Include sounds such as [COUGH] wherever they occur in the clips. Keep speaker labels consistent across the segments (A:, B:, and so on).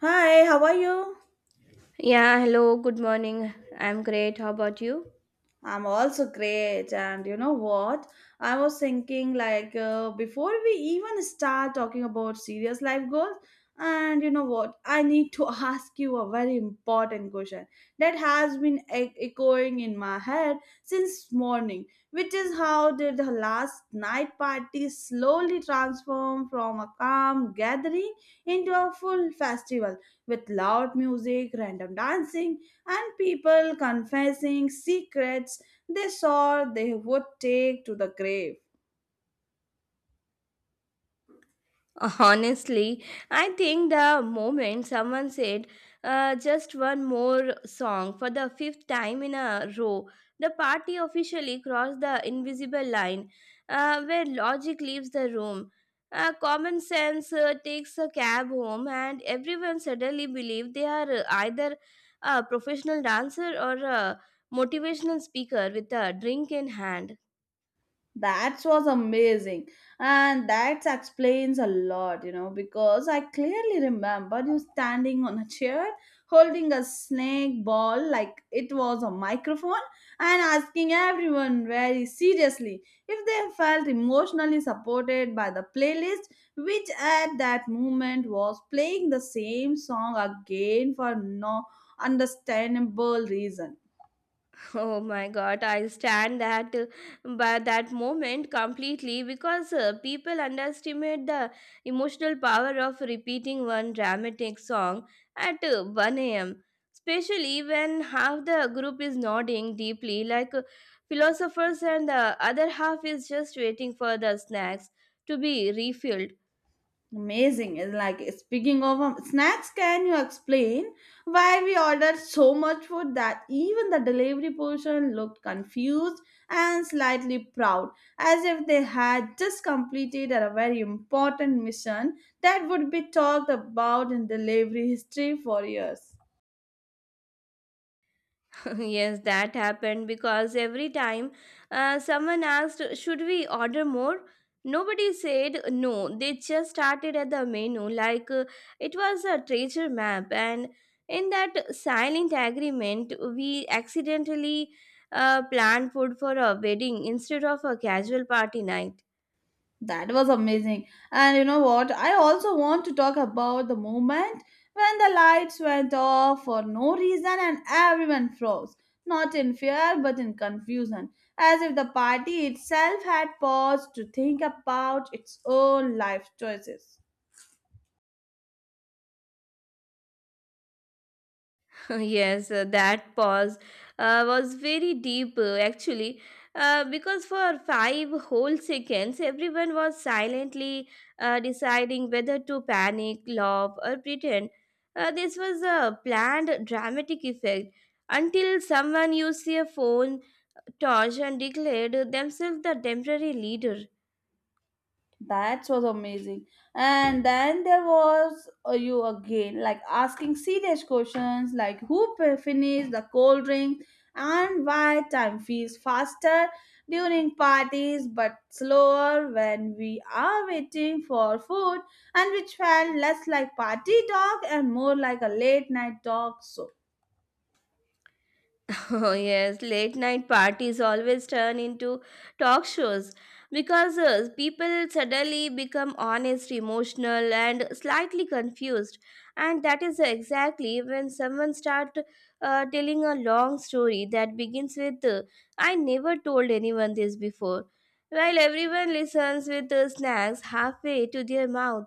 A: Hi, how are you?
B: Yeah, hello, good morning. I'm great. How about you?
A: I'm also great. And you know what? I was thinking, before we even start talking about serious life goals, and you know what? I need to [LAUGHS] ask you a very important question that has been echoing in my head since morning, which is how did the last night party slowly transform from a calm gathering into a full festival with loud music, random dancing, and people confessing secrets they saw they would take to the grave.
B: [LAUGHS] Honestly, I think the moment someone said just one more song for the fifth time in a row, the party officially crossed the invisible line where logic leaves the room. Common sense takes a cab home, and everyone suddenly believes they are either a professional dancer or a motivational speaker with a drink in hand.
A: That was amazing. And that explains a lot, you know, because I clearly remember you standing on a chair holding a snake ball like it was a microphone and asking everyone very seriously if they felt emotionally supported by the playlist, which at that moment was playing the same song again for no understandable reason.
B: Oh my God, I stand that by that moment completely because people underestimate the emotional power of repeating one dramatic song at 1 a.m. Especially when half the group is nodding deeply, like philosophers, and the other half is just waiting for the snacks to be refilled.
A: Amazing. It's like speaking of snacks, can you explain why we ordered so much food that even the delivery person looked confused and slightly proud, as if they had just completed a very important mission that would be talked about in delivery history for years?
B: [LAUGHS] Yes, that happened because every time someone asked, should we order more? Nobody said no. They just started at the menu like it was a treasure map. And in that silent agreement, we accidentally planned food for a wedding instead of a casual party night.
A: That was amazing. And you know what? I also want to talk about the moment when the lights went off for no reason and everyone froze, not in fear but in confusion, as if the party itself had paused to think about its own life choices.
B: [LAUGHS] Yes, that pause was very deep actually, because for five whole seconds, everyone was silently deciding whether to panic, laugh, or pretend. This was a planned dramatic effect until someone used their phone torch and declared themselves the temporary leader.
A: That was amazing. And then there was you again, like asking serious questions like who finished the cold drink and why time feels faster during parties but slower when we are waiting for food, and which felt less like party talk and more like a late night talk. So
B: [LAUGHS] Oh, yes, late night parties always turn into talk shows because people suddenly become honest, emotional, and slightly confused. And that is exactly when someone starts telling a long story that begins with, I never told anyone this before, while everyone listens with snacks halfway to their mouth.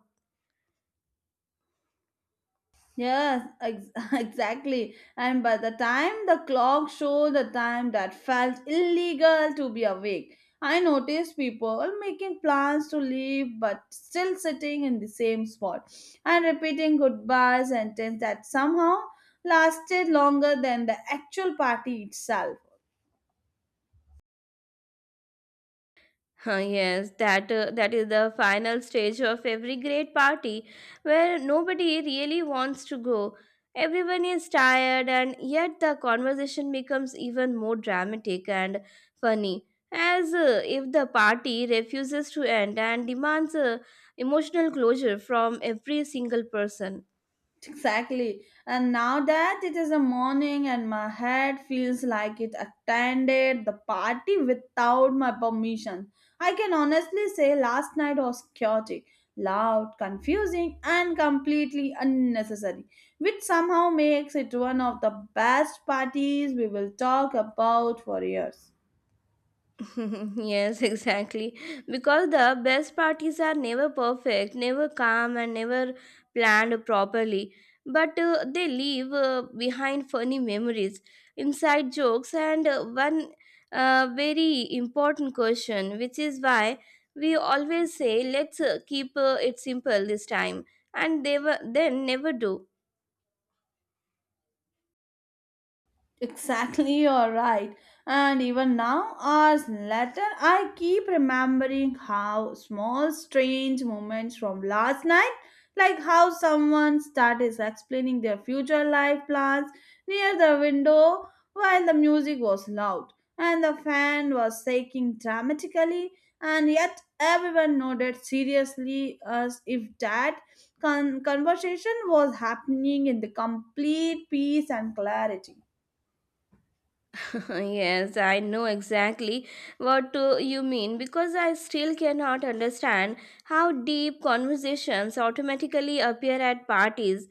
A: yes, [LAUGHS] exactly. And by the time the clock showed the time that felt illegal to be awake, I noticed people making plans to leave but still sitting in the same spot and repeating goodbye sentences that somehow lasted longer than the actual party itself.
B: Huh, yes, that is the final stage of every great party where nobody really wants to go. Everyone is tired and yet the conversation becomes even more dramatic and funny as if the party refuses to end and demands emotional closure from every single person.
A: Exactly. And now that it is a morning and my head feels like it attended the party without my permission, I can honestly say last night was chaotic, loud, confusing, and completely unnecessary, which somehow makes it one of the best parties we will talk about for years.
B: [LAUGHS] Yes, exactly. Because the best parties are never perfect, never calm, and never planned properly. But they leave behind funny memories, inside jokes, and one very important question, which is why we always say, let's keep it simple this time, and they were, then never do.
A: Exactly, [LAUGHS] you're right. And even now, hours later, I keep remembering how small, strange moments from last night, like how someone started explaining their future life plans near the window while the music was loud and the fan was shaking dramatically, and yet everyone nodded seriously as if that conversation was happening in the complete peace and clarity.
B: [LAUGHS] Yes, I know exactly what you mean because I still cannot understand how deep conversations automatically appear at parties,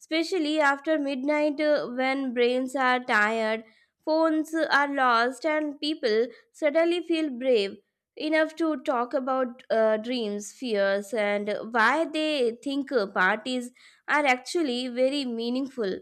B: especially after midnight when brains are tired, phones are lost, and people suddenly feel brave enough to talk about dreams, fears, and why they think parties are actually very meaningful.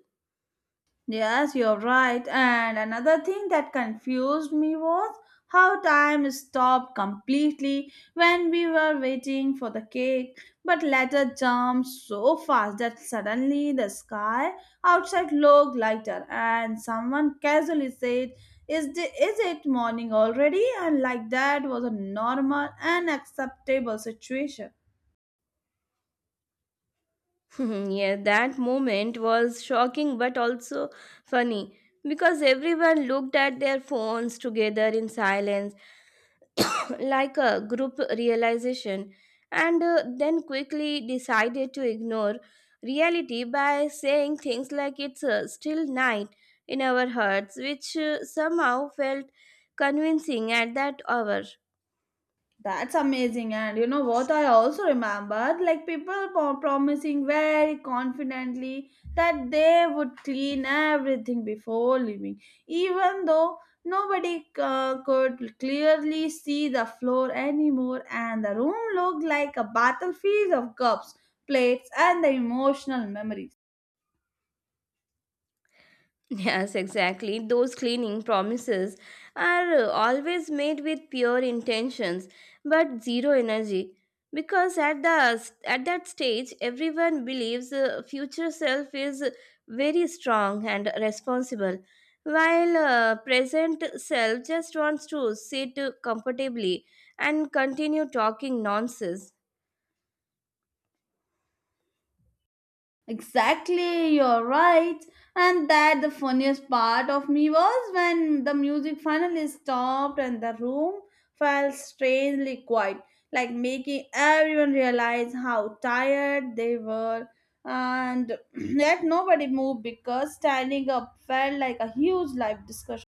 A: Yes, you're right. And another thing that confused me was how time stopped completely when we were waiting for the cake, but later jumped so fast that suddenly the sky outside looked lighter, and someone casually said, is, the, is it morning already? And like that was a normal and acceptable situation.
B: [LAUGHS] Yeah, that moment was shocking but also funny because everyone looked at their phones together in silence, [CLEARS THROAT] like a group realization, and then quickly decided to ignore reality by saying things like it's still night in our hearts, which somehow felt convincing at that hour.
A: That's amazing. And you know what? I also remembered like people promising very confidently that they would clean everything before leaving, even though nobody could clearly see the floor anymore, and the room looked like a battlefield of cups, plates, and the emotional memories.
B: Yes, exactly. Those cleaning promises are always made with pure intentions but zero energy because at that stage everyone believes future self is very strong and responsible while present self just wants to sit comfortably and continue talking nonsense.
A: Exactly, you're right. And that the funniest part of me was when the music finally stopped and the room felt strangely quiet, like making everyone realize how tired they were. And [CLEARS THROAT] yet nobody moved because standing up felt like a huge life discussion.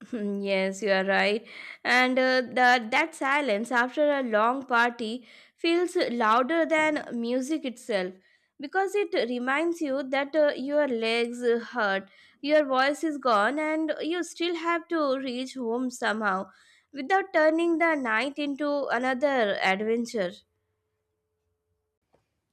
B: [LAUGHS] Hmm, yes, you are right. And that silence after a long party feels louder than music itself because it reminds you that your legs hurt, your voice is gone, and you still have to reach home somehow without turning the night into another adventure.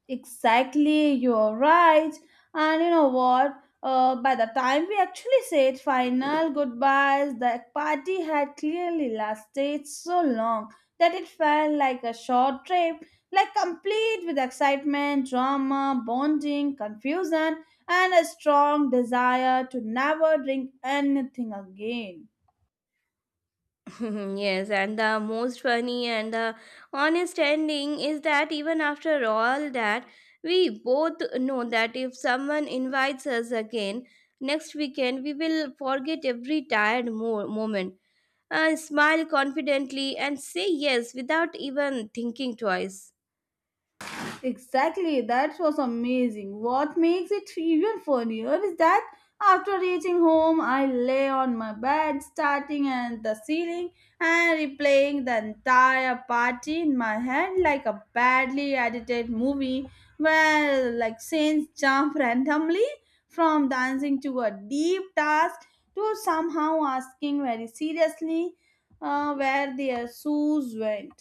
A: Exactly, you're right. And you know what? By the time we actually said final goodbyes, the party had clearly lasted so long that it felt like a short trip, like complete with excitement, drama, bonding, confusion, and a strong desire to never drink anything again.
B: [LAUGHS] Yes, and the most funny and the honest ending is that even after all that, we both know that if someone invites us again next weekend, we will forget every tired moment, smile confidently, and say yes without even thinking twice.
A: Exactly, that was amazing. What makes it even funnier is that after reaching home, I lay on my bed, starting at the ceiling and replaying the entire party in my head like a badly edited movie where like scenes jump [LAUGHS] randomly from dancing to a deep task to somehow asking very seriously where their shoes went.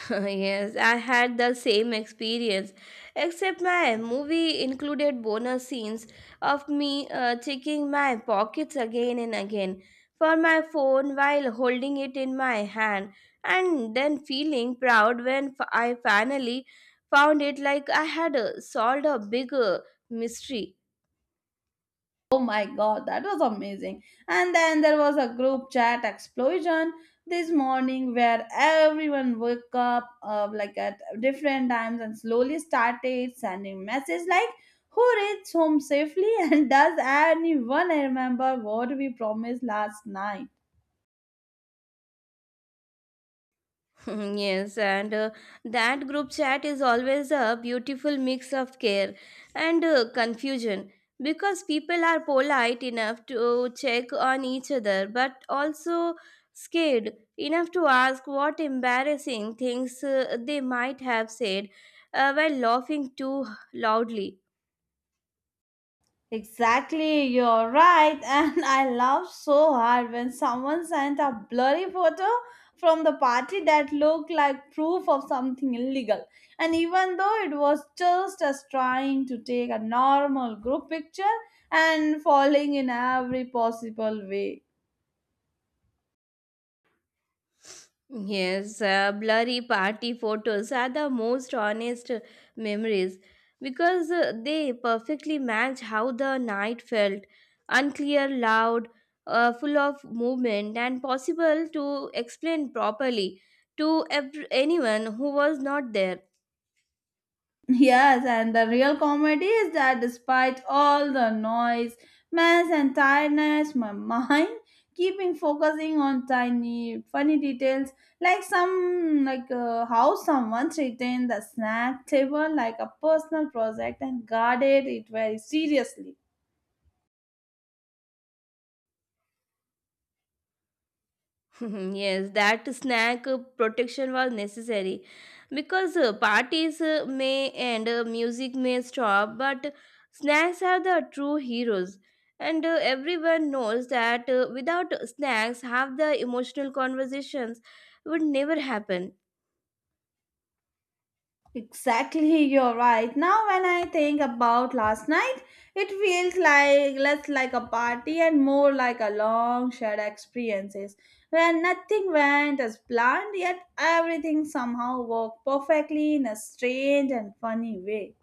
B: [LAUGHS] Yes, I had the same experience, except my movie included bonus scenes of me checking my pockets again and again for my phone while holding it in my hand, and then feeling proud when I finally found it like I had solved a big mystery.
A: Oh my god, that was amazing. And then there was a group chat explosion this morning where everyone woke up like at different times and slowly started sending messages like who reaches home safely [LAUGHS] and does anyone remember what we promised last night?
B: [LAUGHS] Yes, and that group chat is always a beautiful mix of care and confusion because people are polite enough to check on each other but also scared enough to ask what embarrassing things they might have said while laughing too loudly.
A: Exactly, you're right. [LAUGHS] And I laughed so hard when someone sent a blurry photo from the party that looked like proof of something illegal. And even though it was just us trying to take a normal group picture and falling in every possible way.
B: Yes, blurry party photos are the most honest memories because they perfectly match how the night felt unclear, loud, full of movement, and possible to explain properly to anyone who was not there.
A: Yes, and the real comedy is that despite all the noise, mess, and tiredness, my [LAUGHS] mind keeping focusing on tiny funny details like some like how someone treated the snack table like a personal project and guarded it very seriously.
B: [LAUGHS] Yes, that snack protection was necessary because parties may end, music may stop, but snacks are the true heroes. And everyone knows that without snacks, half the emotional conversations would never happen.
A: Exactly, you're right. Now, when I think about last night, it feels like less like a party and more like a long shared experiences where nothing went as planned, yet everything somehow worked perfectly in a strange and funny way.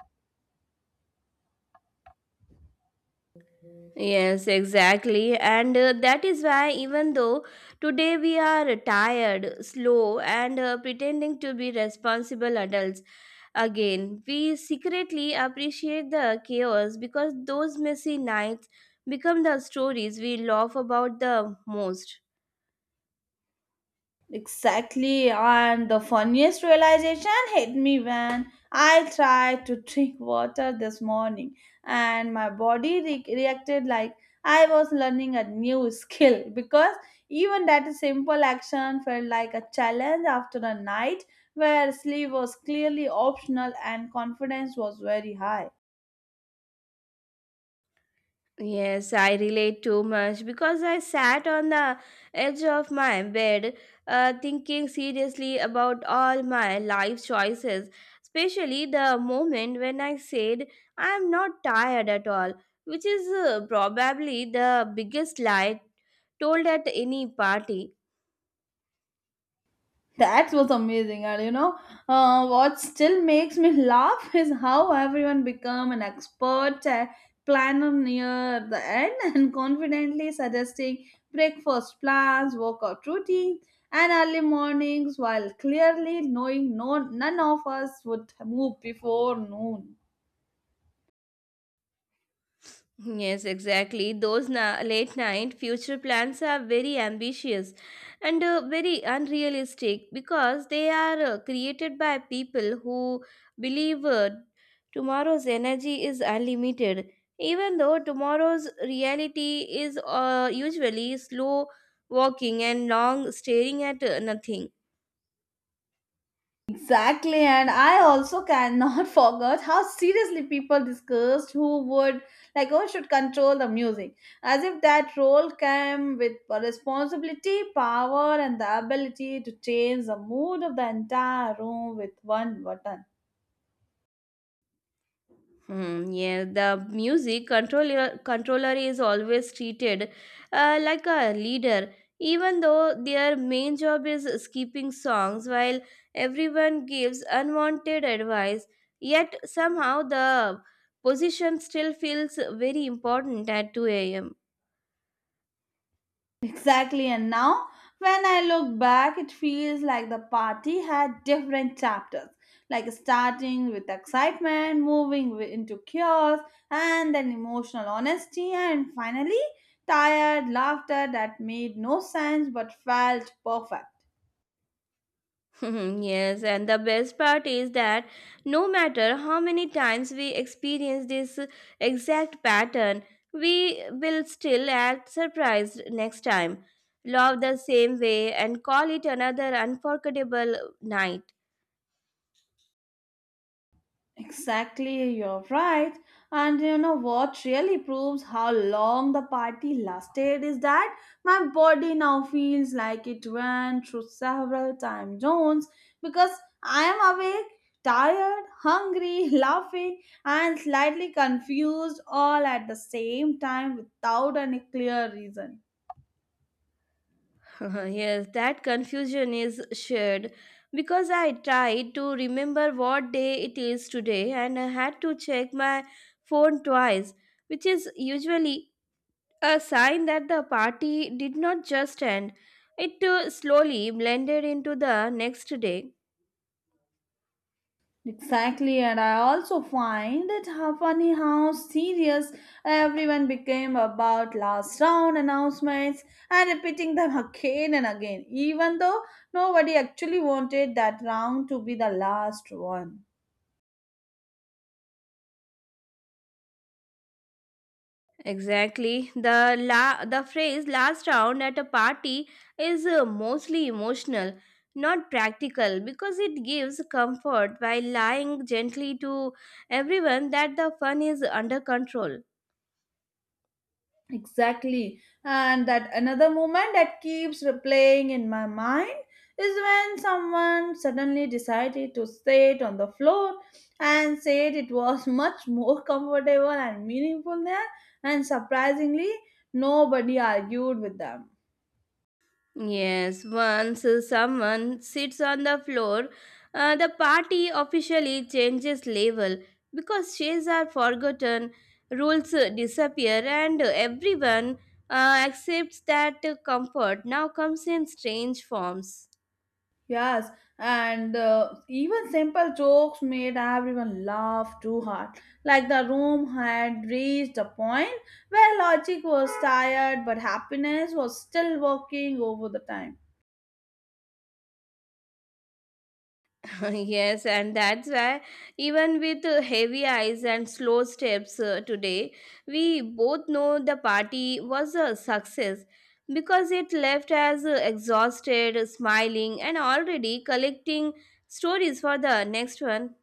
B: Yes, exactly. And that is why, even though today we are tired, slow, and pretending to be responsible adults, again, we secretly appreciate the chaos because those messy nights become the stories we laugh about the most.
A: Exactly, and the funniest realization hit me when I tried to drink water this morning, and my body reacted like I was learning a new skill because even that simple action felt like a challenge after a night where sleep was clearly optional and confidence was very high.
B: Yes, I relate too much because I sat on the edge of my bed thinking seriously about all my life choices, especially the moment when I said I'm not tired at all, which is probably the biggest lie told at any party.
A: That was amazing, and you know, what still makes me laugh [LAUGHS] is how everyone become an expert planner near the end [LAUGHS] and confidently suggesting breakfast plans, workout routine, and early mornings, while clearly knowing none of us would move before noon.
B: Yes, exactly. Those late night future plans are very ambitious and very unrealistic because they are created by people who believe tomorrow's energy is unlimited, even though tomorrow's reality is usually slow walking and long staring at nothing.
A: Exactly, and I also cannot [LAUGHS] forget how seriously people discussed who would like who should control the music, as if that role came with a responsibility, power, and the ability to change the mood of the entire room with one button.
B: Hmm, yeah, the music controller is always treated like a leader, even though their main job is skipping songs while everyone gives unwanted advice. Yet somehow the position still feels very important at 2 a.m.
A: Exactly, and now when I look back, it feels like the party had different chapters, like starting with excitement, moving into chaos, and then emotional honesty, and finally, tired laughter that made no sense but felt perfect.
B: [LAUGHS] Mhm, yes, and the best part is that no matter how many times we experience this exact pattern, we will still act surprised next time, love the same way, and call it another unforgettable night.
A: Exactly, you're right. And you know what really proves how long the party lasted is that my body now feels like it went through several time zones because I am awake, tired, hungry, [LAUGHS] laughing, and slightly confused all at the same time without any clear reason.
B: [LAUGHS] Yes, that confusion is shared because I tried to remember what day it is today and I had to check my phone twice, which is usually a sign that the party did not just end, it slowly blended into the next day.
A: Exactly, and I also find it how funny how serious everyone became about last round announcements and repeating them again and again, even though nobody actually wanted that round to be the last one.
B: Exactly. The phrase last round at a party is mostly emotional, not practical, because it gives comfort while lying gently to everyone that the fun is under control.
A: Exactly. And that another moment that keeps replaying in my mind is when someone suddenly decided to sit on the floor and said it was [LAUGHS] much more comfortable and meaningful there, and surprisingly, nobody argued with them.
B: Yes, once someone sits on the floor, the party officially changes label because shades are forgotten, rules disappear, and everyone accepts that comfort now comes in strange forms.
A: Yes, and even simple jokes made everyone laugh too hard. Like the room had reached a point where logic was tired, but happiness was still working over the time.
B: [LAUGHS] Yes, and that's why even with heavy eyes and slow steps today, we both know the party was a success because it left us exhausted, smiling, and already collecting stories for the next one.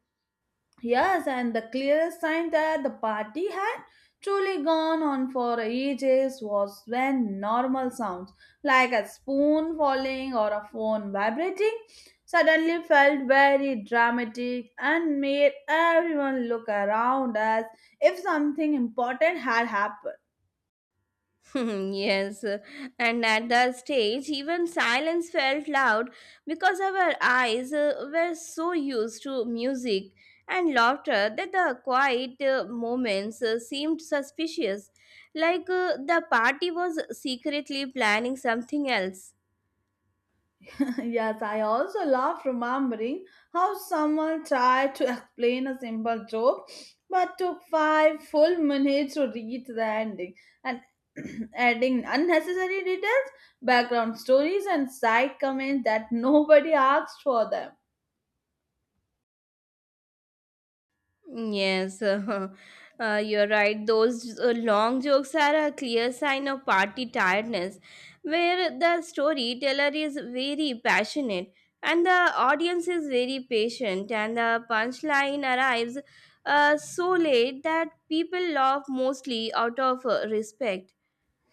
A: Yes, and the clearest sign that the party had truly gone on for ages was when normal sounds, like a spoon falling or a phone vibrating, suddenly felt very dramatic and made everyone look around as if something important had happened.
B: [LAUGHS] Yes, and at that stage, even silence felt loud because our eyes were so used to music and laughter that the quiet moments seemed suspicious, like the party was secretly planning something else.
A: [LAUGHS] Yes, I also love remembering how someone tried to explain a simple joke but took 5 full minutes to reach the ending and [CLEARS THROAT] adding unnecessary details, background stories, and side comments that nobody asked for them.
B: Yes, [LAUGHS] you're right. Those long jokes are a clear sign of party tiredness, where the storyteller is very passionate and the audience is very patient, and the punchline arrives so late that people laugh mostly out of respect.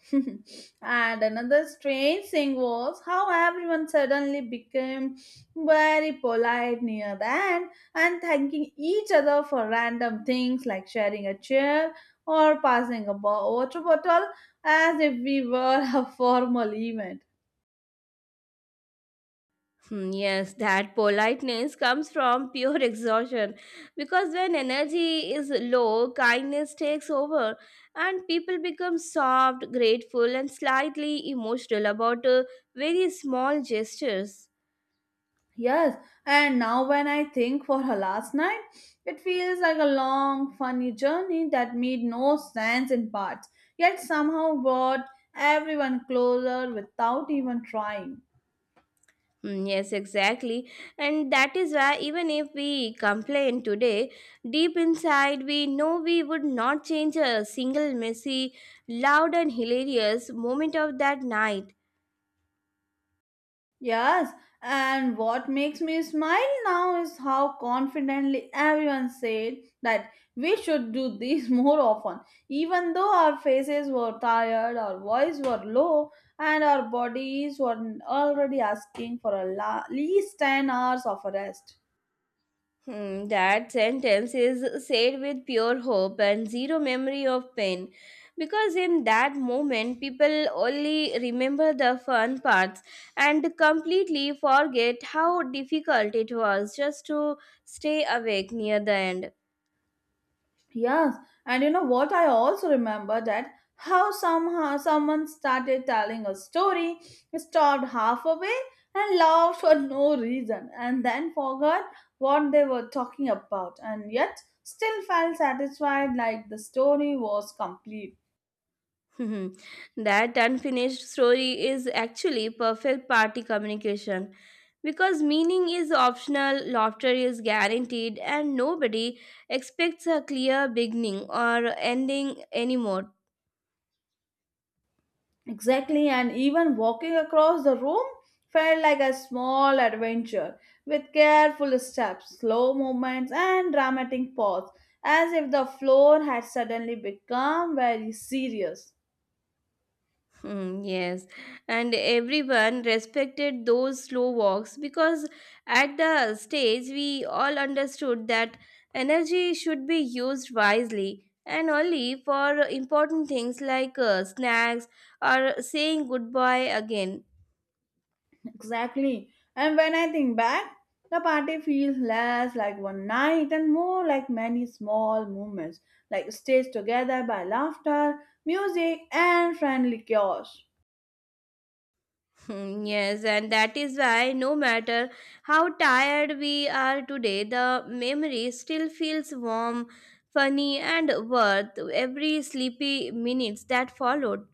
A: [LAUGHS] And another strange thing was how everyone suddenly became very polite near the end and thanking each other for random things like sharing a chair or passing a water bottle as if we were [LAUGHS] a formal event.
B: Hmm, yes, that politeness comes from pure [LAUGHS] exhaustion because when energy is low, kindness takes over and people become soft, grateful, and slightly emotional about very small gestures.
A: Yes, and now when I think for her last night, it feels like a long, funny journey that made no sense in parts, yet somehow brought everyone closer without even trying.
B: Hmm, yes, exactly. And that is why, even if we complain today, deep inside we know we would not change a single messy, loud, and hilarious moment of that night.
A: Yes, and what makes me smile now is how confidently everyone said that we should do this [LAUGHS] more often, even though our faces were tired, our voice were low, and our bodies were already asking for at least 10 hours of rest.
B: Hmm, that sentence is said with pure hope and zero memory of pain because in that moment people only remember the fun parts and completely forget how difficult it was just to stay awake near the end.
A: Yes, and you know what? I also remember that how somehow someone started telling a story, stopped halfway, and laughed for no reason, and then forgot what they were talking about, and yet still felt satisfied like the story was complete.
B: [LAUGHS] Mhm. That unfinished story is actually perfect party communication because meaning is optional, laughter is guaranteed, and nobody expects a clear beginning or ending anymore.
A: Exactly, and even walking across the room felt like a small adventure with careful steps, slow movements, and dramatic pause, as if the floor had suddenly become very serious.
B: Mm, yes, and everyone respected those slow walks because at the stage we all understood that energy should be used wisely and only for important things like snacks or saying goodbye again.
A: Exactly, and when I think back, the party feels less like one night and more like many small moments, like stitched together by laughter, music, and friendly chaos.
B: Hmm, yes, and that is why no matter how tired we are today, the memory still feels warm, funny, and worth every sleepy minutes that followed.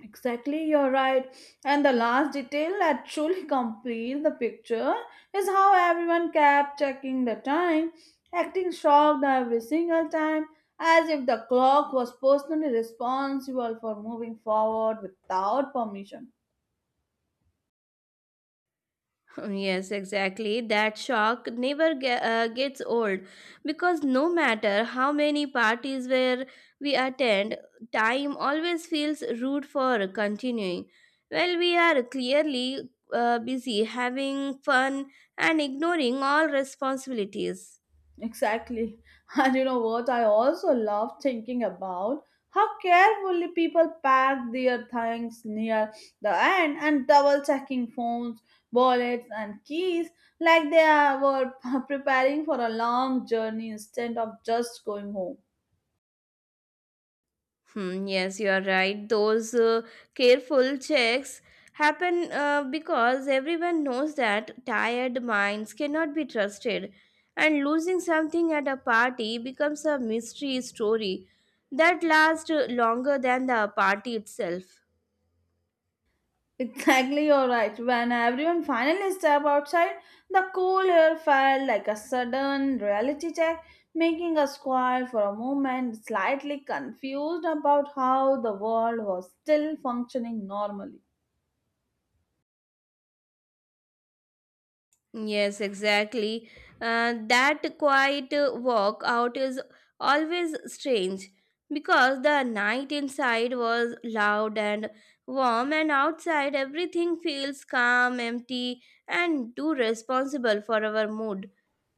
A: Exactly, you're right. And the last detail that truly [LAUGHS] completes the picture is how everyone kept checking the time, acting shocked every single time, as if the clock was personally responsible for moving forward without permission.
B: Yes, exactly. That shock never gets old because no matter how many parties where we attend, time always feels rude for continuing. Well, we are clearly busy having fun and ignoring all responsibilities.
A: Exactly. [LAUGHS] And you know what? I also love thinking about how carefully people pack their things near the end and double checking phones, wallets, and keys like they were [LAUGHS] preparing for a long journey instead of just going home.
B: Hmm, yes, you are right. Those careful checks happen because everyone knows that tired minds cannot be trusted, and losing something at a party becomes a mystery story that lasts longer than the party itself.
A: Exactly, you're right. When everyone finally stepped outside, the cool air felt like a sudden reality check, making us quiet for a moment, slightly confused about how the world was still functioning normally.
B: Yes, exactly. That quiet walk out is always strange because the night inside was loud and warm, and outside everything feels calm, empty, and too responsible for our mood.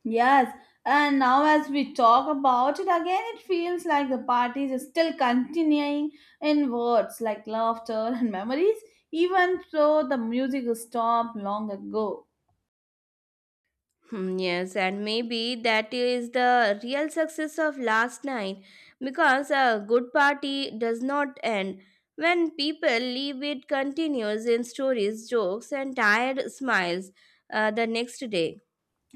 A: Yes, and now as we talk about it again, it feels like the party is still continuing in words like laughter and memories, even though the music stopped long ago.
B: Yes, and maybe that is the real success of last night because a good party does not end. When people leave, it continues in stories, jokes, and tired smiles the next day.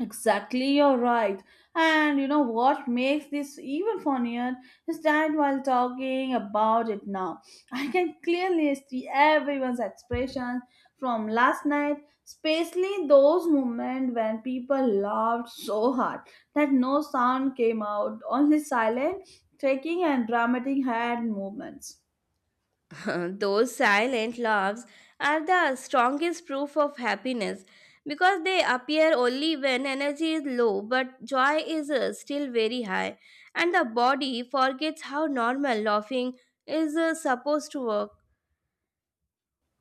A: Exactly, you're right. And you know what makes this even funnier is that while talking about it now, I can clearly see everyone's expressions from last night, especially those moments when people laughed so hard that no sound came out, only silent, shaking, and dramatic hand movements.
B: [LAUGHS] Those silent laughs are the strongest proof of happiness because they appear only when energy is low, but joy is still very high, and the body forgets how normal laughing is supposed to work.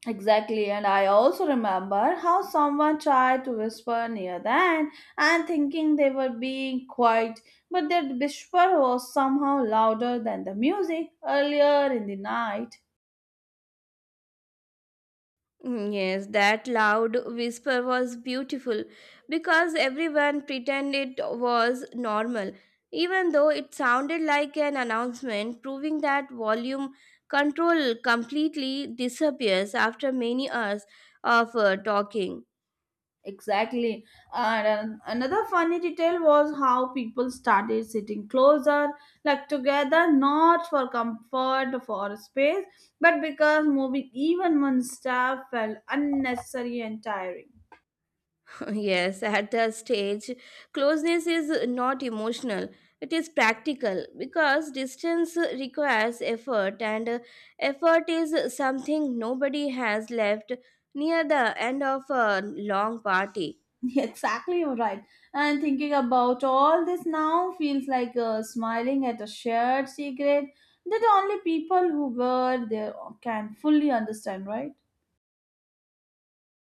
A: Exactly, and I also remember how someone tried to whisper near the end and thinking they were being quiet, but their whisper was somehow louder than the music earlier in the night.
B: Mm, yes, that loud whisper was beautiful because everyone pretended it was normal, even though it sounded like an announcement proving that volume control completely disappears after many hours of talking.
A: Exactly, and another funny detail was how people started sitting closer, like together, not for comfort or space, but because moving even one step felt unnecessary and tiring.
B: Yes, at that stage, closeness is not emotional. It is practical because distance requires effort, and effort is something nobody has left near the end of a long party.
A: [LAUGHS] Exactly, you're right. And thinking about all this now feels like smiling at a shared secret that only people who were there can fully understand, right?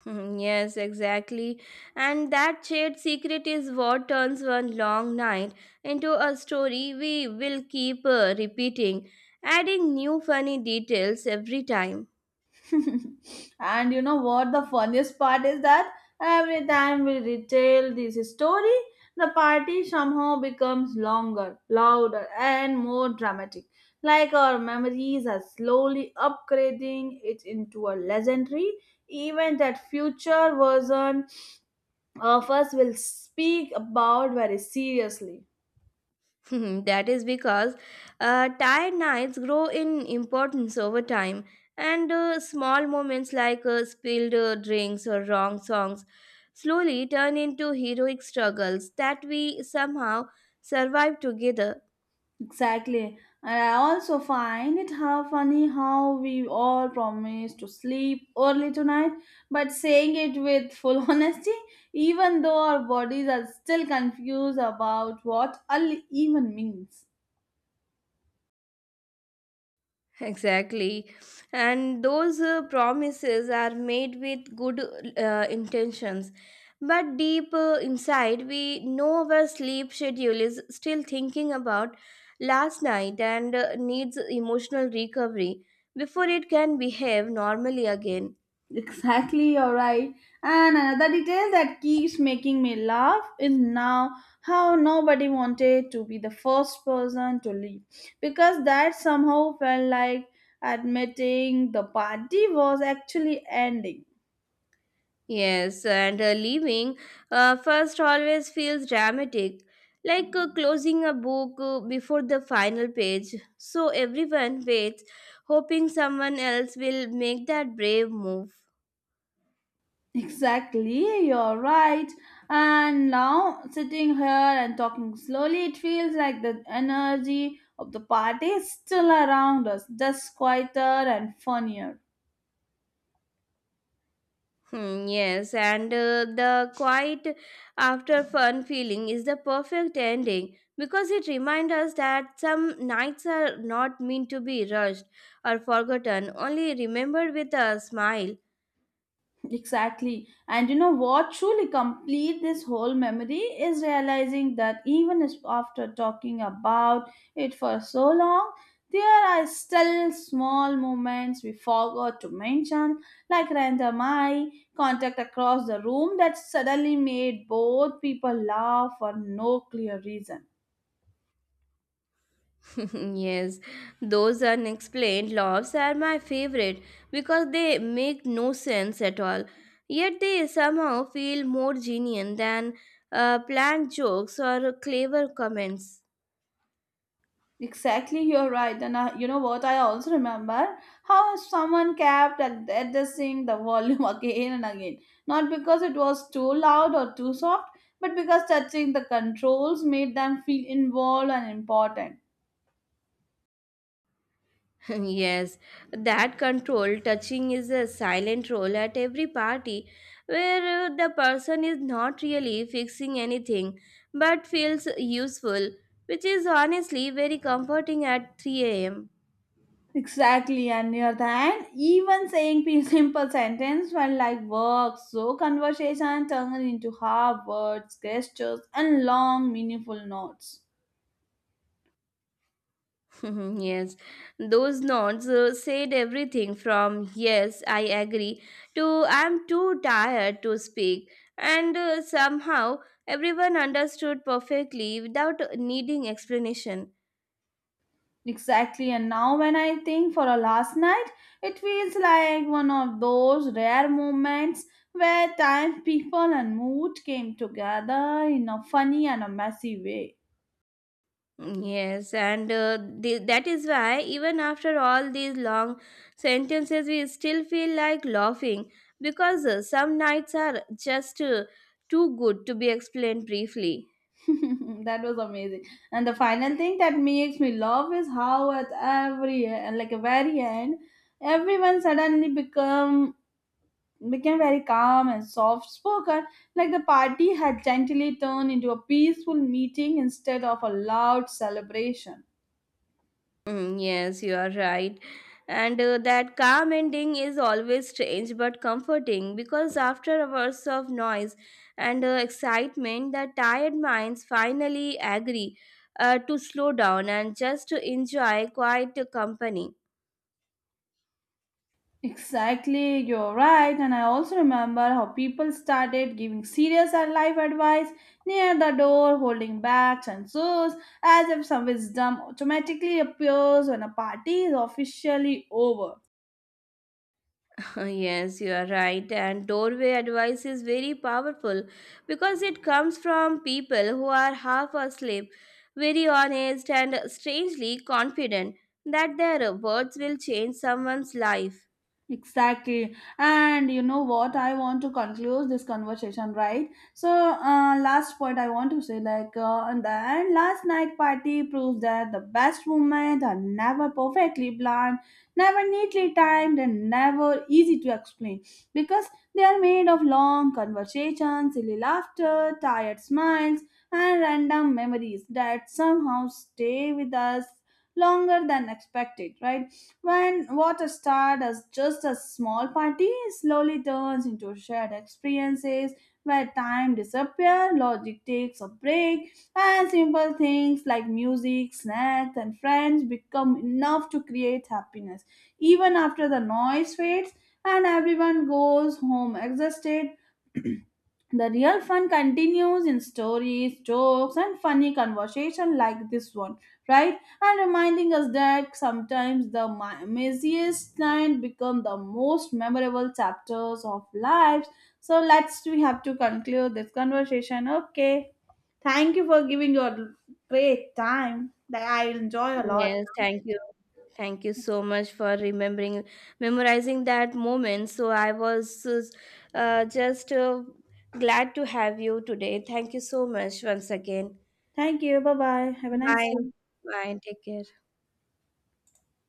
B: Mhm, yes, exactly. And that shared secret is what turns one long night into a story we will keep repeating, adding new funny details every time.
A: [LAUGHS] And you know what? The funniest part is that every time we retell this story, the party somehow becomes longer, louder, and more dramatic. Like our memories are slowly upgrading it into a legendary event that future version of us will speak about very seriously.
B: [LAUGHS] That is because tired nights grow in importance over time, and small moments like spilled drinks or wrong songs slowly turn into heroic struggles that we somehow survive together.
A: Exactly. And I also find it how funny how we all promise to sleep early tonight, but saying it with full [LAUGHS] honesty, even though our bodies are still confused about what early even means.
B: Exactly. And those promises are made with good intentions. But deep inside, we know our sleep schedule is still thinking about last night and needs emotional recovery before it can behave normally again.
A: Exactly, you're right. And another detail that keeps making me laugh is now how nobody wanted to be the first person to leave because that somehow felt like admitting the party was actually ending.
B: Yes, and leaving first always feels dramatic, like closing a book before the final page. So everyone waits, hoping someone else will make that brave move.
A: Exactly, you're right. And now sitting here and talking slowly, it feels like the energy of the party is still around us, just quieter and funnier.
B: Yes, and the quiet after fun feeling is the perfect ending because it reminds us that some nights are not meant to be rushed or forgotten, only remembered with a smile.
A: Exactly. And you know what truly complete this whole memory is realizing that even after talking about it for so long, there are still small moments we forgot to mention, like random eye contact across the room that suddenly made both people laugh for no clear reason.
B: [LAUGHS] Yes, those unexplained loves are my favorite because they make no sense at all. Yet they somehow feel more genuine than planned jokes or clever comments.
A: Exactly, you're right. And you know what? I also remember how someone kept adjusting the volume [LAUGHS] again and again. Not because it was too loud or too soft, but because touching the controls made them feel involved and important.
B: [LAUGHS] Yes, that control touching is a silent role at every party where the person is not really fixing anything but feels useful, which is honestly very comforting at 3 am.
A: Exactly, and near the end, even saying [LAUGHS] simple sentence felt like work. So conversation turned into half words, gestures, and long, meaningful notes.
B: Mhm, yes, those nods said everything from yes, I agree to I'm too tired to speak, and somehow everyone understood perfectly without needing explanation.
A: Exactly, and now when I think for a last night, it feels like one of those rare moments where time, people, and mood came together in a funny and a messy way.
B: Mm, yes, and that is why even after all these long sentences, we still feel like laughing because some nights are just too good to be explained briefly.
A: [LAUGHS] That was amazing. And the final thing that makes me love is how at every like a very end, everyone suddenly become became very calm and soft spoken, like the party had gently turned into a peaceful meeting instead of a loud celebration.
B: Mm, yes, you are right. And that calm ending is always strange but comforting because after hours of noise and excitement, the tired minds finally agree to slow down and just to enjoy quiet company.
A: Exactly, you're right. And I also remember how people started giving serious and life advice near the door, holding bags and shoes, as if some wisdom automatically appears when a party is officially over.
B: Yes you are right. And doorway advice is very powerful because it comes from people who are half asleep, very honest, and strangely confident that their words will change someone's life.
A: Exactly. And you know what? I want to conclude this conversation, right? So, last point I want to say like, and then last night party proves that the best moments are never perfectly planned, never neatly timed, and never easy to explain because they are made of long conversations, silly laughter, tired smiles, and random memories that somehow stay with us longer than expected, right? When what started as just a small party slowly turns into shared experiences where time disappears, logic takes a break, and simple things like music, snacks, and friends become enough to create happiness. Even after the noise fades and everyone goes home exhausted, the real fun continues in stories, jokes, and funny conversation like this one, right? And reminding us that sometimes the messiest night become the most memorable chapters of lives. So let's we have to conclude this conversation. Okay, thank you for giving your great time. That I enjoy a lot.
B: Yes, thank you. Thank you so much for remembering, memorizing that moment. So I was just glad to have you today. Thank you so much once again.
A: Thank you. Bye bye. Have a nice
B: Bye.
A: day.
B: Bye. Take care.